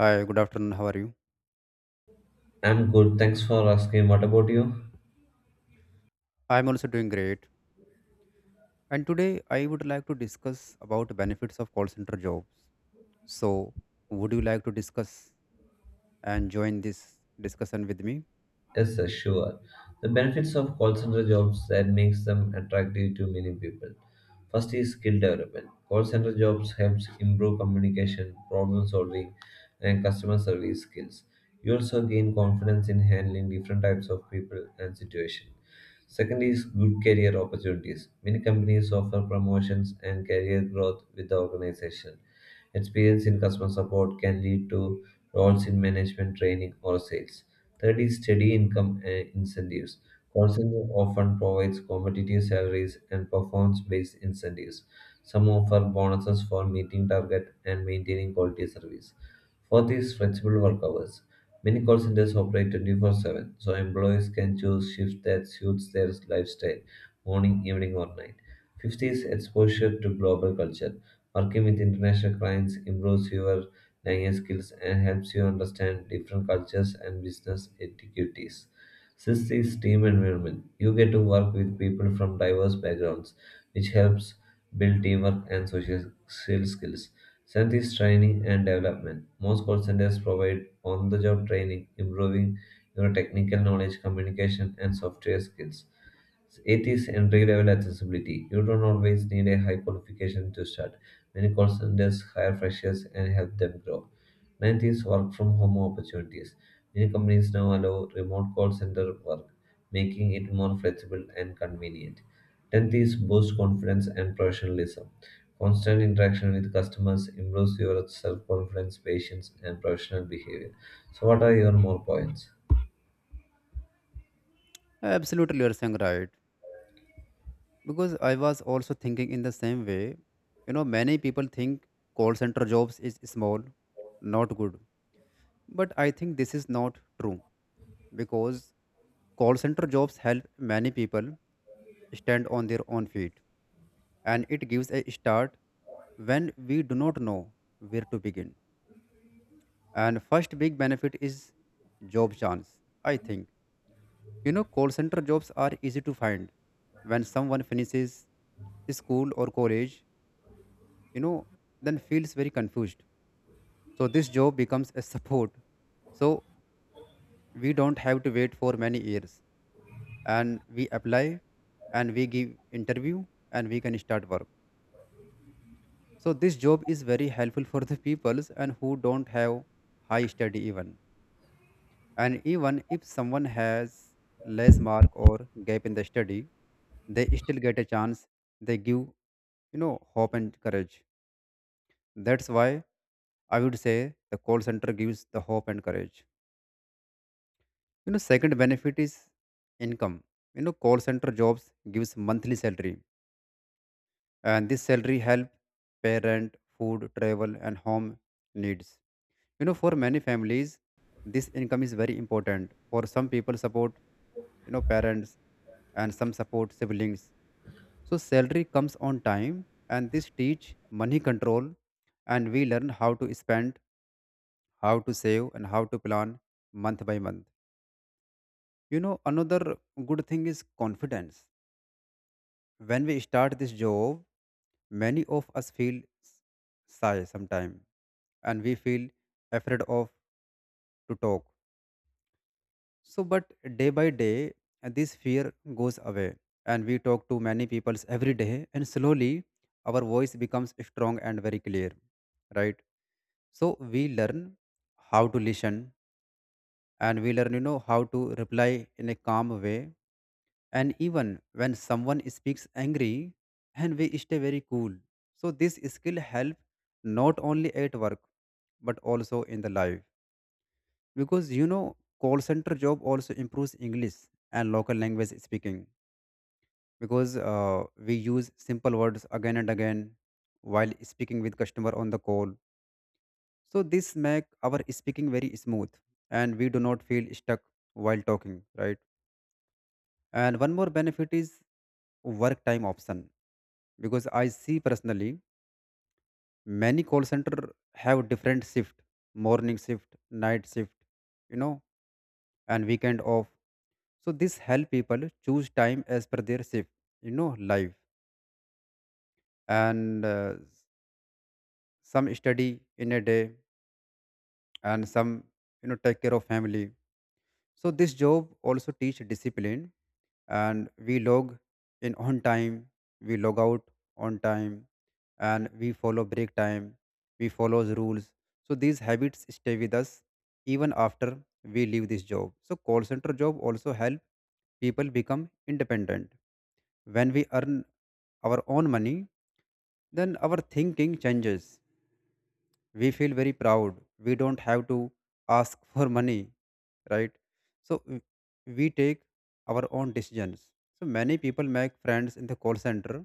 Hi, good afternoon. How are you? I'm good. Thanks for asking. What about you? I'm also doing great. And today I would like to discuss about benefits of call center jobs. So, would you like to discuss and join this discussion with me? Yes, sir, sure. The benefits of call center jobs that makes them attractive to many people. First is skill development. Call center jobs helps improve communication, problem solving, and customer service skills. You also gain confidence in handling different types of people and situations. Second is good career opportunities. Many companies offer promotions and career growth with the organization. Experience in customer support can lead to roles in management, training, or sales. Third is steady income incentives. Counseling often provides competitive salaries and performance based incentives. Some offer bonuses for meeting target and maintaining quality service. Fourth is flexible work hours. Many call centers operate 24/7, so employees can choose shifts that suits their lifestyle morning, evening, or night. Fifth is exposure to global culture. Working with international clients improves your language skills and helps you understand different cultures and business etiquettes. Since this team environment, you get to work with people from diverse backgrounds, which helps build teamwork and social skills. Send is training and development. Most call centers provide on the job training, improving your technical knowledge, communication, and software skills. It and entry-level accessibility. You don't always need a high qualification to start. Many call centers hire freshers and help them grow. Ninth is work from home opportunities. Many companies now allow remote call center work, making it more flexible and convenient. Tenth is boost confidence and professionalism. Constant interaction with customers improves your self-confidence, patience, and professional behavior. So, what are your more points? Absolutely, you're saying right. Because I was also thinking in the same way. You know, many people think call center jobs is small, not good. But I think this is not true because call center jobs help many people stand on their own feet and it gives a start when we do not know where to begin. And first big benefit is job chance, I think. You know, call center jobs are easy to find. When someone finishes school or college, you know, then feels very confused. So this job becomes a support. So we don't have to wait for many years and we apply and we give interview and we can start work. So this job is very helpful for the peoples and who don't have high study even. And even if someone has less mark or gap in the study, they still get a chance. They give, you know, hope and courage. That's why I would say the call center gives the hope and courage. You know, second benefit is income. You know, call center jobs gives monthly salary. And this salary help parent, food, travel and home needs. You know, for many families, this income is very important. For some people, support, you know, parents and some support siblings. So salary comes on time and this teach money control and we learn how to spend, how to save and how to plan month by month. You know, another good thing is confidence. When we start this job, many of us feel shy sometime and we feel afraid of to talk. So, but day by day, this fear goes away, and we talk to many people every day, and slowly our voice becomes strong and very clear, right? So, we learn how to listen, and we learn, you know, how to reply in a calm way. And even when someone speaks angry, and we stay very cool. So, this skill help not only at work but also in the life, because you know call center job also improves English and local language speaking because we use simple words again and again while speaking with customer on the call, so this make our speaking very smooth and we do not feel stuck while talking, right? And one more benefit is work time option, because I see personally many call center have different shift, morning shift, night shift, you know, and weekend off. So this help people choose time as per their shift, you know, life. And some study in a day and some, you know, take care of family. So this job also teach discipline, and we log in on time, we log out on time, and we follow break time, we follow rules. So these habits stay with us even after we leave this job. So call center job also help people become independent. When we earn our own money, then our thinking changes. We feel very proud. We don't have to ask for money, right? So we take our own decisions. So many people make friends in the call center.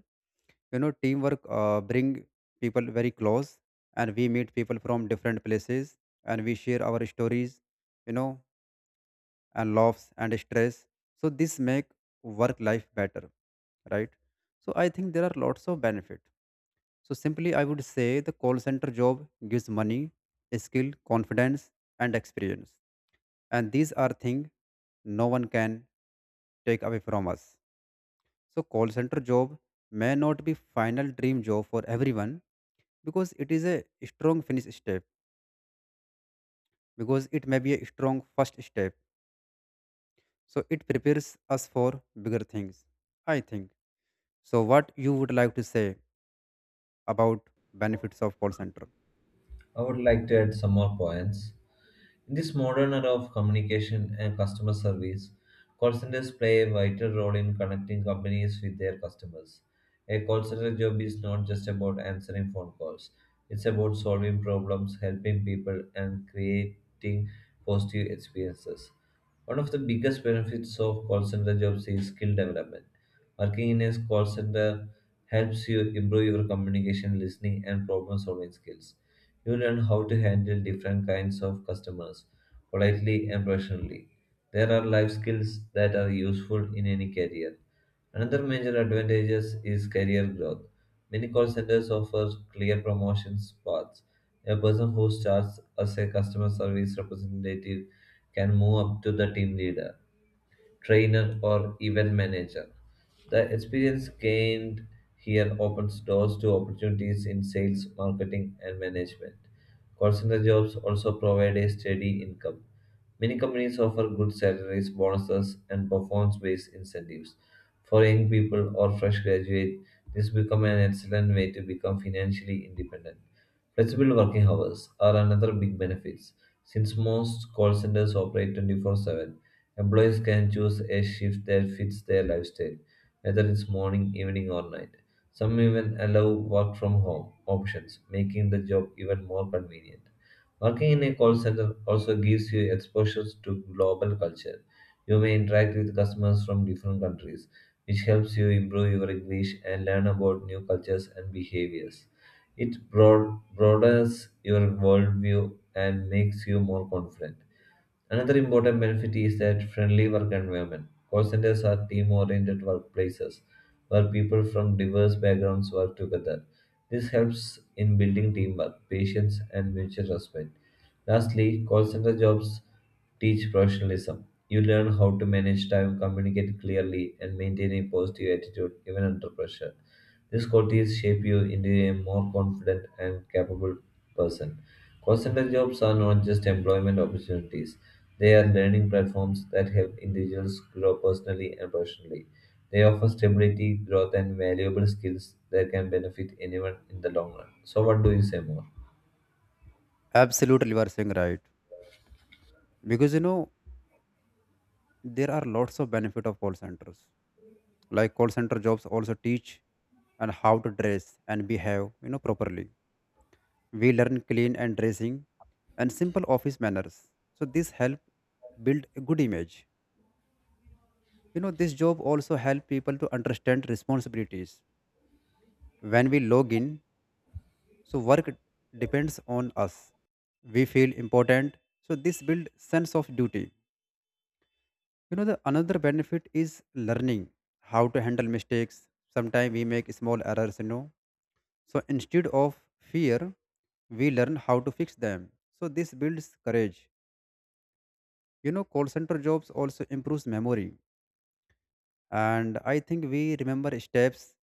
You know, teamwork bring people very close, and we meet people from different places, and we share our stories, you know, and laughs and stress. So this make work life better, right? So I think there are lots of benefit, so simply, I would say the call center job gives money, skill, confidence, and experience. And these are things no one can take away from us. So call center job may not be final dream job for everyone, because it is a strong finish step, because it may be a strong first step. So it prepares us for bigger things, I think. So what you would like to say about benefits of call center? I would like to add some more points. In this modern era of communication and customer service, call centers play a vital role in connecting companies with their customers. A call center job is not just about answering phone calls, it's about solving problems, helping people, and creating positive experiences. One of the biggest benefits of call center jobs is skill development. Working in a call center helps you improve your communication, listening, and problem solving skills. You learn how to handle different kinds of customers politely and professionally. There are life skills that are useful in any career. Another major advantage is career growth. Many call centers offer clear promotions paths. A person who starts as a customer service representative can move up to the team leader trainer, or event manager. The experience gained here opens doors to opportunities in sales, marketing, and management. Call center jobs also provide a steady income. Many companies offer good salaries, bonuses, and performance based incentives. For young people or fresh graduates, this becomes an excellent way to become financially independent. Flexible working hours are another big benefit. Since most call centers operate 24/7, employees can choose a shift that fits their lifestyle, whether it's morning, evening, or night. Some even allow work from home options, making the job even more convenient. Working in a call center also gives you exposure to global culture. You may interact with customers from different countries, which helps you improve your English and learn about new cultures and behaviors. It broadens your worldview and makes you more confident. Another important benefit is that friendly work environment. Call centers are team oriented workplaces where people from diverse backgrounds work together. This helps in building teamwork, patience, and mutual respect. Lastly, call center jobs teach professionalism. You learn how to manage time, communicate clearly, and maintain a positive attitude even under pressure. These qualities shape you into a more confident and capable person. Call center jobs are not just employment opportunities, they are learning platforms that help individuals grow personally and professionally. They offer stability, growth, and valuable skills that can benefit anyone in the long run. So, what do you say more? Absolutely, you are saying right. Because you know there are lots of benefit of call centers, like call center jobs also teach and how to dress and behave, you know, properly. We learn clean and dressing and simple office manners, so this help build a good image. You know, this job also help people to understand responsibilities. When we log in, so work depends on us, we feel important, so this build sense of duty. You know, the another benefit is learning how to handle mistakes. Sometimes we make small errors, you know. So instead of fear, we learn how to fix them. So this builds courage. You know, call center jobs also improves memory. And I think we remember steps,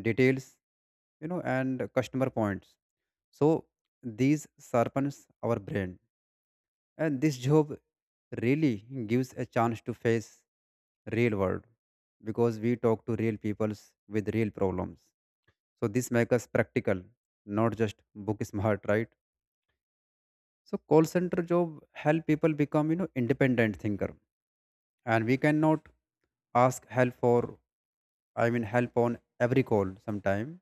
details, you know, and customer points. So these sharpens our brain. And this job really gives a chance to face real world, because we talk to real peoples with real problems, so this makes us practical, not just book smart, right? So call center job help people become, you know, independent thinker, and we cannot ask help for, I mean help on every call sometime,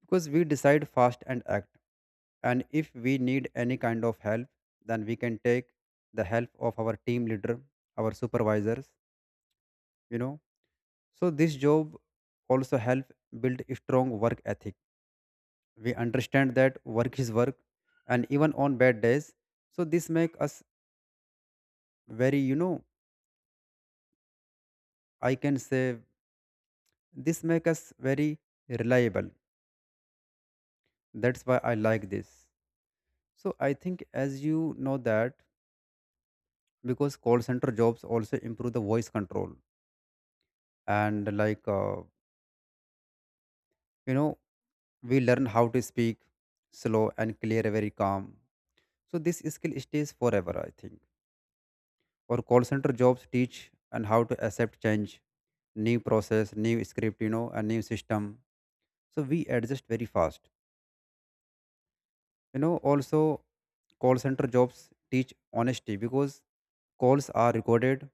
because we decide fast and act. And if we need any kind of help, then we can take the help of our team leader, our supervisors, you know. So this job also help build a strong work ethic. We understand that work is work, and even on bad days. So this make us very, you know, I can say this make us very reliable. That's why I like this. So I think as you know that, because call center jobs also improve the voice control, and like you know, we learn how to speak slow and clear, very calm, so this skill stays forever, I think. Or call center jobs teach and how to accept change, new process, new script, you know, a new system, so we adjust very fast. You know, also call center jobs teach honesty, because calls are recorded.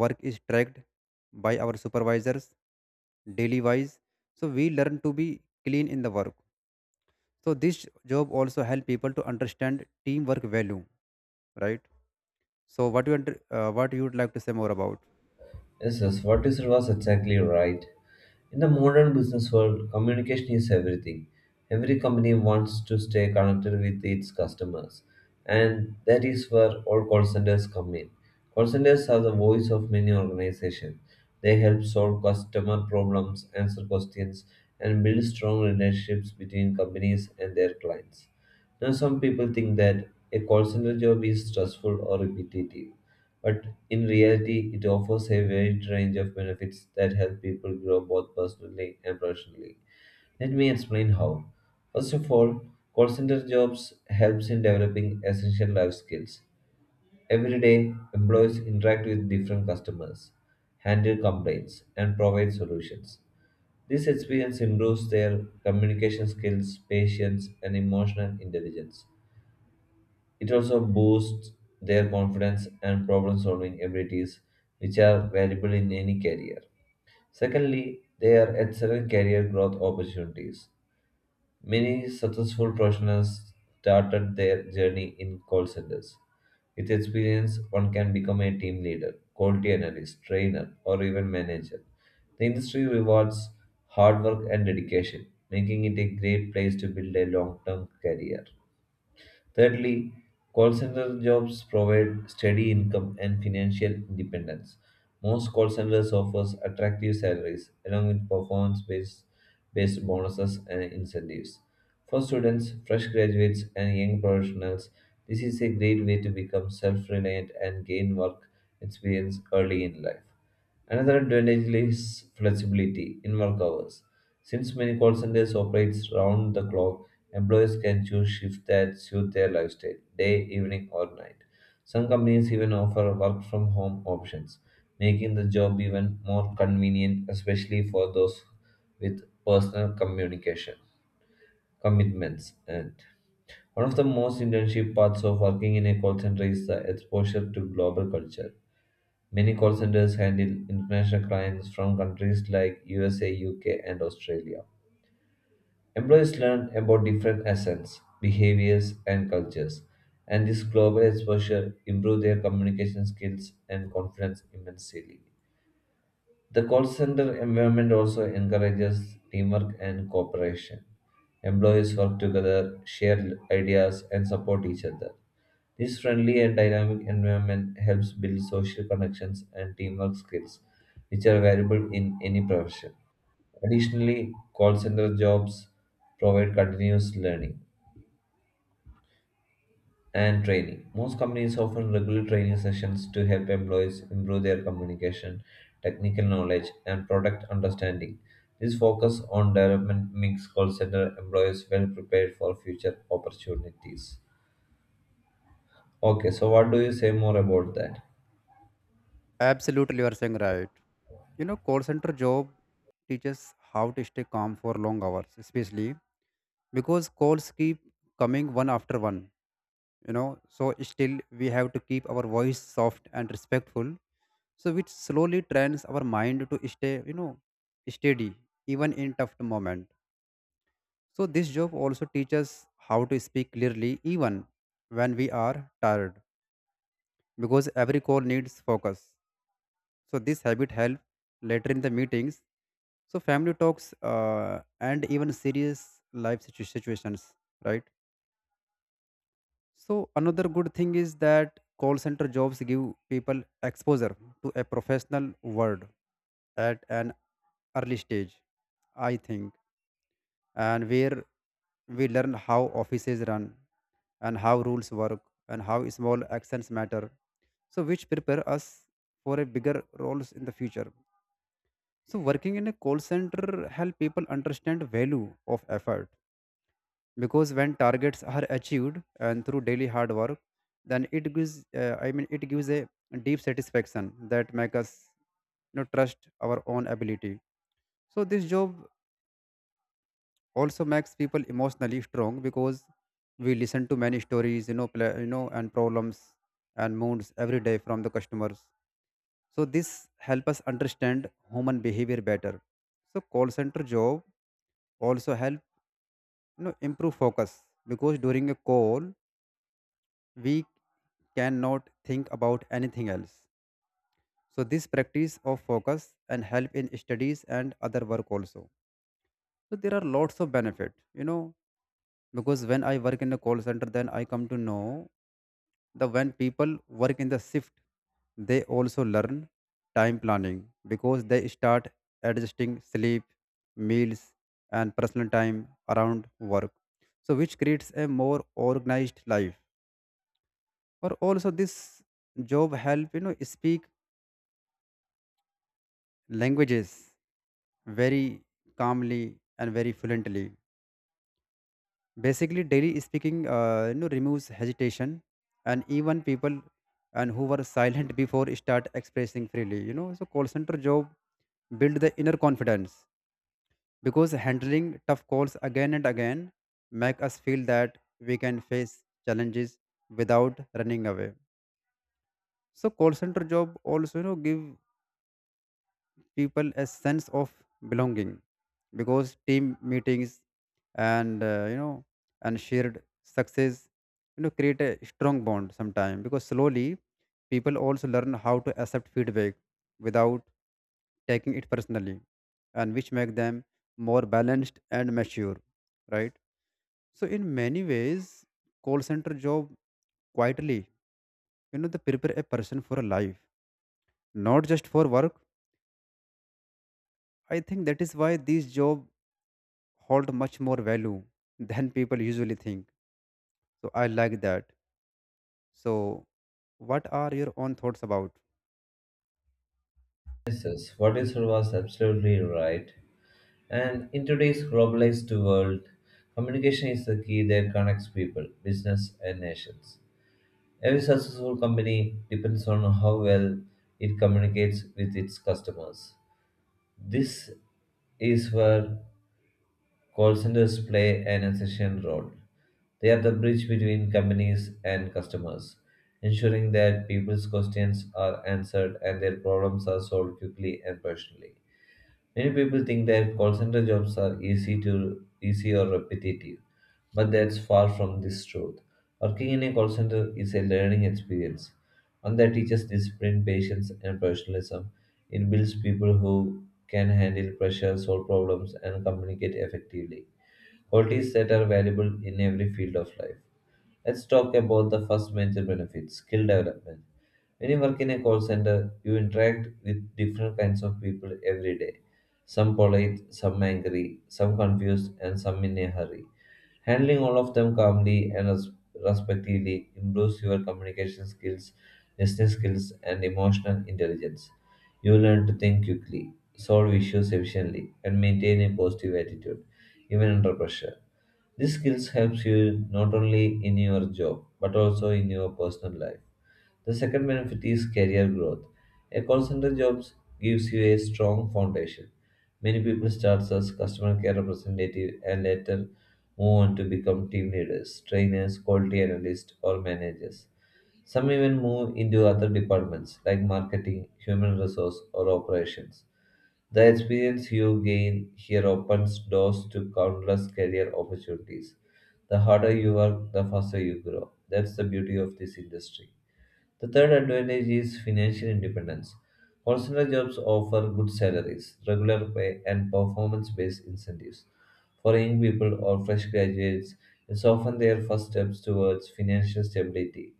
Work is tracked by our supervisors daily wise. So we learn to be clean in the work. So this job also help people to understand teamwork value, right? So what you what you would like to say more about? Yes, yes, what you said was exactly right. In the modern business world, communication is everything. Every company wants to stay connected with its customers, and that is where all call centers come in. Call centers are the voice of many organizations. They help solve customer problems, answer questions, and build strong relationships between companies and their clients. Now, some people think that a call center job is stressful or repetitive, but in reality, it offers a wide range of benefits that help people grow both personally and professionally. Let me explain how. First of all, call center jobs helps in developing essential life skills. Every day, employees interact with different customers, handle complaints, and provide solutions. This experience improves their communication skills, patience, and emotional intelligence. It also boosts their confidence and problem solving abilities, which are valuable in any career. Secondly, they are excellent career growth opportunities. Many successful professionals started their journey in call centers. With experience, one can become a team leader, quality analyst, trainer, or even manager. The industry rewards hard work and dedication, making it a great place to build a long term career. Thirdly, call center jobs provide steady income and financial independence. Most call centers offers attractive salaries along with performance-based based bonuses and incentives. For students, fresh graduates, and young professionals, this is a great way to become self-reliant and gain work experience early in life. Another advantage is flexibility in work hours. Since many call centers operate round the clock, employees can choose shifts that suit their lifestyle, day, evening, or night. Some companies even offer work from home options, making the job even more convenient, especially for those with personal communication commitments. And one of the most internship parts of working in a call center is the exposure to global culture. Many call centers handle international clients from countries like USA, UK, and Australia. Employees learn about different accents, behaviors, and cultures, and this global exposure improves their communication skills and confidence immensely. The call center environment also encourages teamwork and cooperation. Employees work together, share ideas, and support each other. This friendly and dynamic environment helps build social connections and teamwork skills, which are valuable in any profession. Additionally, call center jobs provide continuous learning and training. Most companies offer regular training sessions to help employees improve their communication, technical knowledge, and product understanding. This focus on development makes call center employees well prepared for future opportunities. Okay, so what do you say more about that? Absolutely, you are saying right. You know, call center job teaches how to stay calm for long hours, especially because calls keep coming one after one, you know. So still we have to keep our voice soft and respectful, so which slowly trains our mind to stay, you know, steady even in tough moment. So this job also teaches how to speak clearly even when we are tired, because every call needs focus. So this habit helps later in the meetings, so family talks, and even serious life situations, right? So another good thing is that call center jobs give people exposure to a professional world at an early stage, I think, and where we learn how offices run and how rules work and how small actions matter. So which prepare us for a bigger roles in the future. So working in a call center help people understand value of effort, because when targets are achieved and through daily hard work, then it gives, I mean it gives a deep satisfaction that make us, you know, trust our own ability. So this job also makes people emotionally strong, because we listen to many stories, you know, pla you know, and problems and moods every day from the customers. So this help us understand human behavior better. So call center job also help, you know, improve focus, because during a call we cannot think about anything else. So this practice of focus and help in studies and other work also. So there are lots of benefit, you know, because when I work in a call center, then I come to know the when people work in the shift, they also learn time planning, because they start adjusting sleep, meals, and personal time around work. So which creates a more organized life. Or also this job help, you know, speak languages very calmly and very fluently, basically daily speaking, you know, removes hesitation, and even people and who were silent before start expressing freely, you know. So call center job build the inner confidence, because handling tough calls again and again make us feel that we can face challenges without running away. So call center job also, you know, give people a sense of belonging, because team meetings and, you know, and shared success, you know, create a strong bond sometime, because slowly people also learn how to accept feedback without taking it personally, and which make them more balanced and mature, right? So in many ways, call center job quietly, you know, they prepare a person for a life, not just for work. I think that is why these job hold much more value than people usually think. So I like that. So what are your own thoughts about? Yes, what is said was absolutely right. And in today's globalized world, communication is the key that connects people, business, and nations. Every successful company depends on how well it communicates with its customers. This is where call centers play an essential role. They are the bridge between companies and customers, ensuring that people's questions are answered and their problems are solved quickly and personally. Many people think that call center jobs are easy to easy or repetitive, but that's far from this truth. Working in a call center is a learning experience, one that teaches discipline, patience, and professionalism. It builds people who can handle pressure, solve problems, and communicate effectively. Qualities that are valuable in every field of life. Let's talk about the first major benefit skill development. When you work in a call center, you interact with different kinds of people every day. Some polite, some angry, some confused, and some in a hurry. Handling all of them calmly and respectively improves your communication skills, listening skills, and emotional intelligence. You learn to think quickly, solve issues efficiently, and maintain a positive attitude, even under pressure. These skills helps you not only in your job but also in your personal life. The second benefit is career growth. A call center job gives you a strong foundation. Many people start as customer care representative and later move on to become team leaders, trainers, quality analysts, or managers. Some even move into other departments like marketing, human resource, or operations. The experience you gain here opens doors to countless career opportunities. The harder you work, the faster you grow. That's the beauty of this industry. The third advantage is financial independence. Personal jobs offer good salaries, regular pay, and performance based incentives. For young people or fresh graduates, it's often their first steps towards financial stability.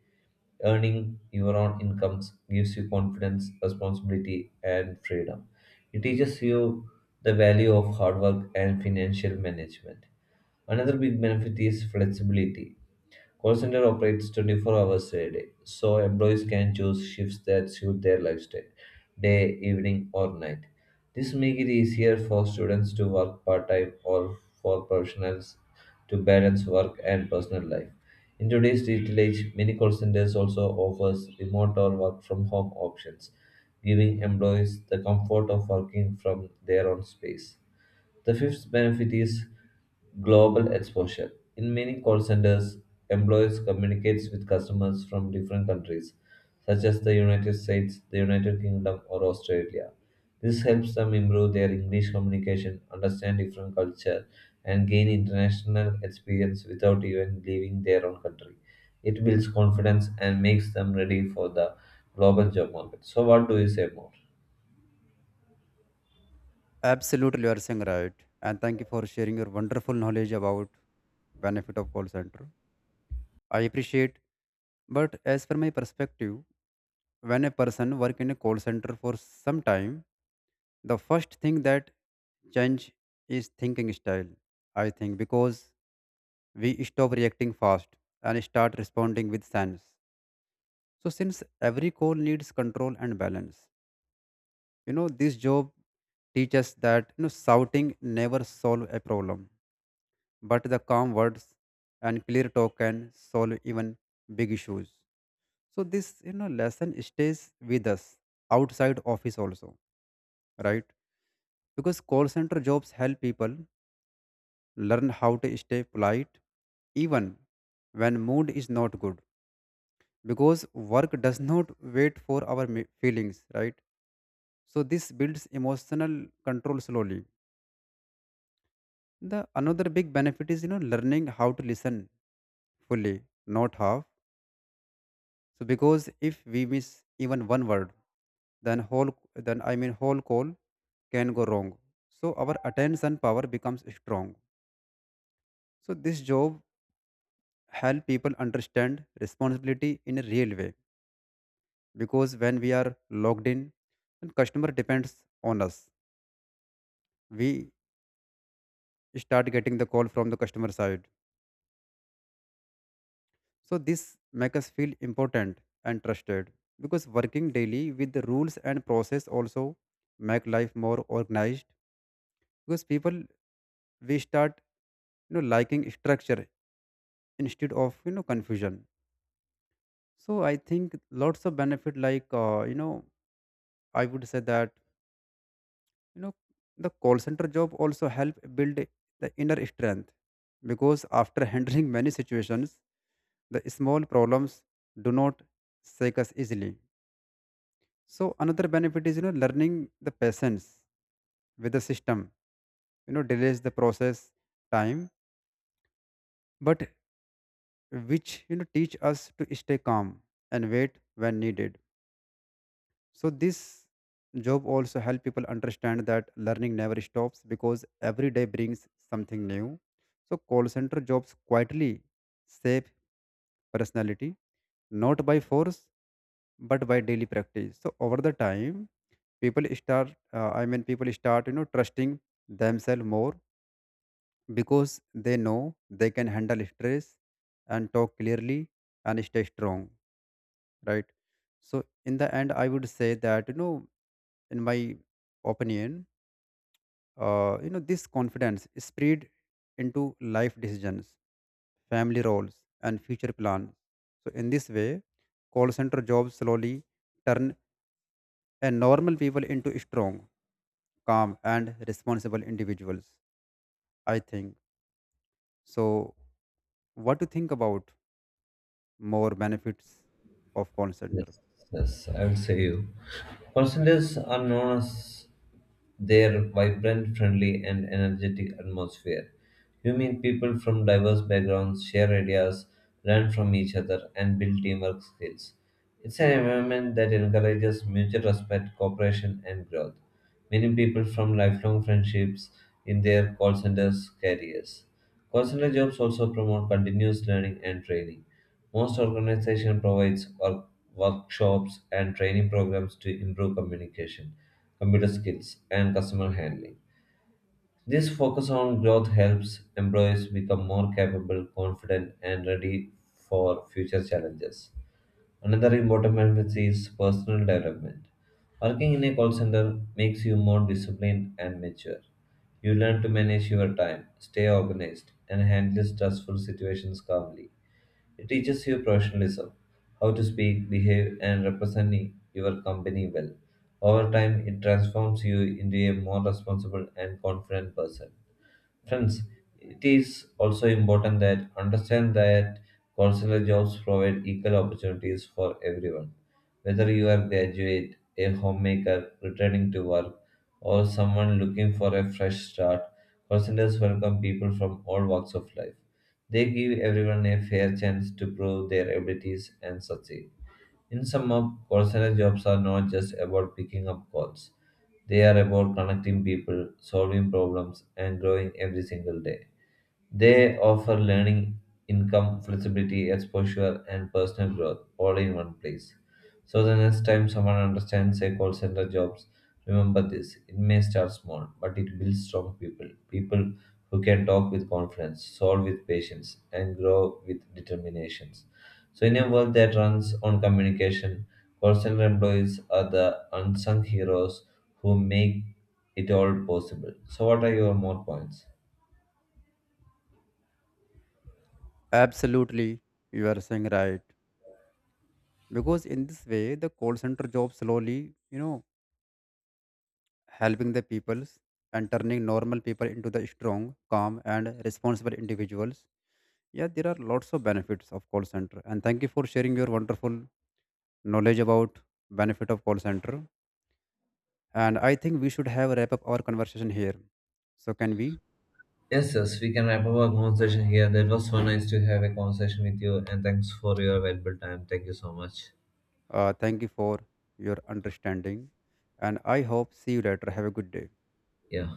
Earning your own incomes gives you confidence, responsibility, and freedom. It teaches you the value of hard work and financial management. Another big benefit is flexibility. Call center operates 24 hours a day, so employees can choose shifts that suit their lifestyle, day, evening, or night. This makes it easier for students to work part-time or for professionals to balance work and personal life. In today's digital age, many call centers also offers remote or work from home options, giving employees the comfort of working from their own space. The fifth benefit is global exposure. In many call centers, employees communicate with customers from different countries, such as the United States, the United Kingdom, or Australia. This helps them improve their English communication, understand different culture, and gain international experience without even leaving their own country. It builds confidence and makes them ready for the global job market. So, what do you say more? Absolutely, you are saying right. And thank you for sharing your wonderful knowledge about benefit of call center. I appreciate. But as per my perspective, when a person work in a call center for some time, the first thing that change is thinking style. I think because we stop reacting fast and start responding with sense. So, since every call needs control and balance, this job teaches that shouting never solve a problem, but the calm words and clear talk can solve even big issues. So this lesson stays with us outside office also, right? Because call center jobs help people learn how to stay polite even when mood is not good because work does not wait for our feelings, right? So this builds emotional control slowly. The another big benefit is learning how to listen fully, not half. So because if we miss even one word, then whole then I mean whole call can go wrong. So our attention power becomes strong. So this job help people understand responsibility in a real way, because when we are logged in, then customer depends on us. We start getting the call from the customer side. So this makes us feel important and trusted, because working daily with the rules and process also make life more organized, because people we start liking structure instead of confusion. So I think lots of benefit like I would say that you know the call center job also help build the inner strength, because after handling many situations, the small problems do not shake us easily. So another benefit is learning the patience with the system. You know delays the process time, but which teach us to stay calm and wait when needed. So this job also help people understand that learning never stops because every day brings something new. So call center jobs quietly shape personality, not by force but by daily practice. So over the time people start I mean people start trusting themselves more, because they know they can handle stress and talk clearly and stay strong, right? So in the end I would say that in my opinion, this confidence is spread into life decisions, family roles and future plans. So in this way, call center jobs slowly turn a normal people into strong, calm and responsible individuals, I think. So what do you think about more benefits of call center? Yes, yes, I will say you. Personas are known as their vibrant, friendly, and energetic atmosphere. You meet people from diverse backgrounds, share ideas, learn from each other, and build teamwork skills. It's an environment that encourages mutual respect, cooperation, and growth. Many people from lifelong friendships in their call centers careers. Call center jobs also promote continuous learning and training. Most organizations provide workshops and training programs to improve communication, computer skills, and customer handling. This focus on growth helps employees become more capable, confident, and ready for future challenges. Another important benefit is personal development. Working in a call center makes you more disciplined and mature. You learn to manage your time, stay organized, and handle stressful situations calmly. It teaches you professionalism, how to speak, behave, and represent your company well. Over time, it transforms you into a more responsible and confident person. Friends, it is also important that understand that consular jobs provide equal opportunities for everyone. Whether you are a graduate, a homemaker returning to work, or someone looking for a fresh start, consulars welcome people from all walks of life. They give everyone a fair chance to prove their abilities and succeed. In summer, call center jobs are not just about picking up calls, they are about connecting people, solving problems, and growing every single day. They offer learning, income, flexibility, exposure, and personal growth all in one place. So the next time someone understands a call center jobs, remember this. It may start small, but it builds strong people. People who can talk with confidence, solve with patience, and grow with determinations. So in a world that runs on communication, call center employees are the unsung heroes who make it all possible. So what are your more points? Absolutely, you are saying right. Because in this way, the call center job slowly, helping the peoples and turning normal people into the strong, calm, and responsible individuals. Yeah, there are lots of benefits of call center. And thank you for sharing your wonderful knowledge about benefit of call center. And I think we should have wrap up our conversation here. So can we? Yes, yes, we can wrap up our conversation here. That was so nice to have a conversation with you, and thanks for your valuable time. Thank you so much. Thank you for your understanding, and I hope see you later. Have a good day. Yeah.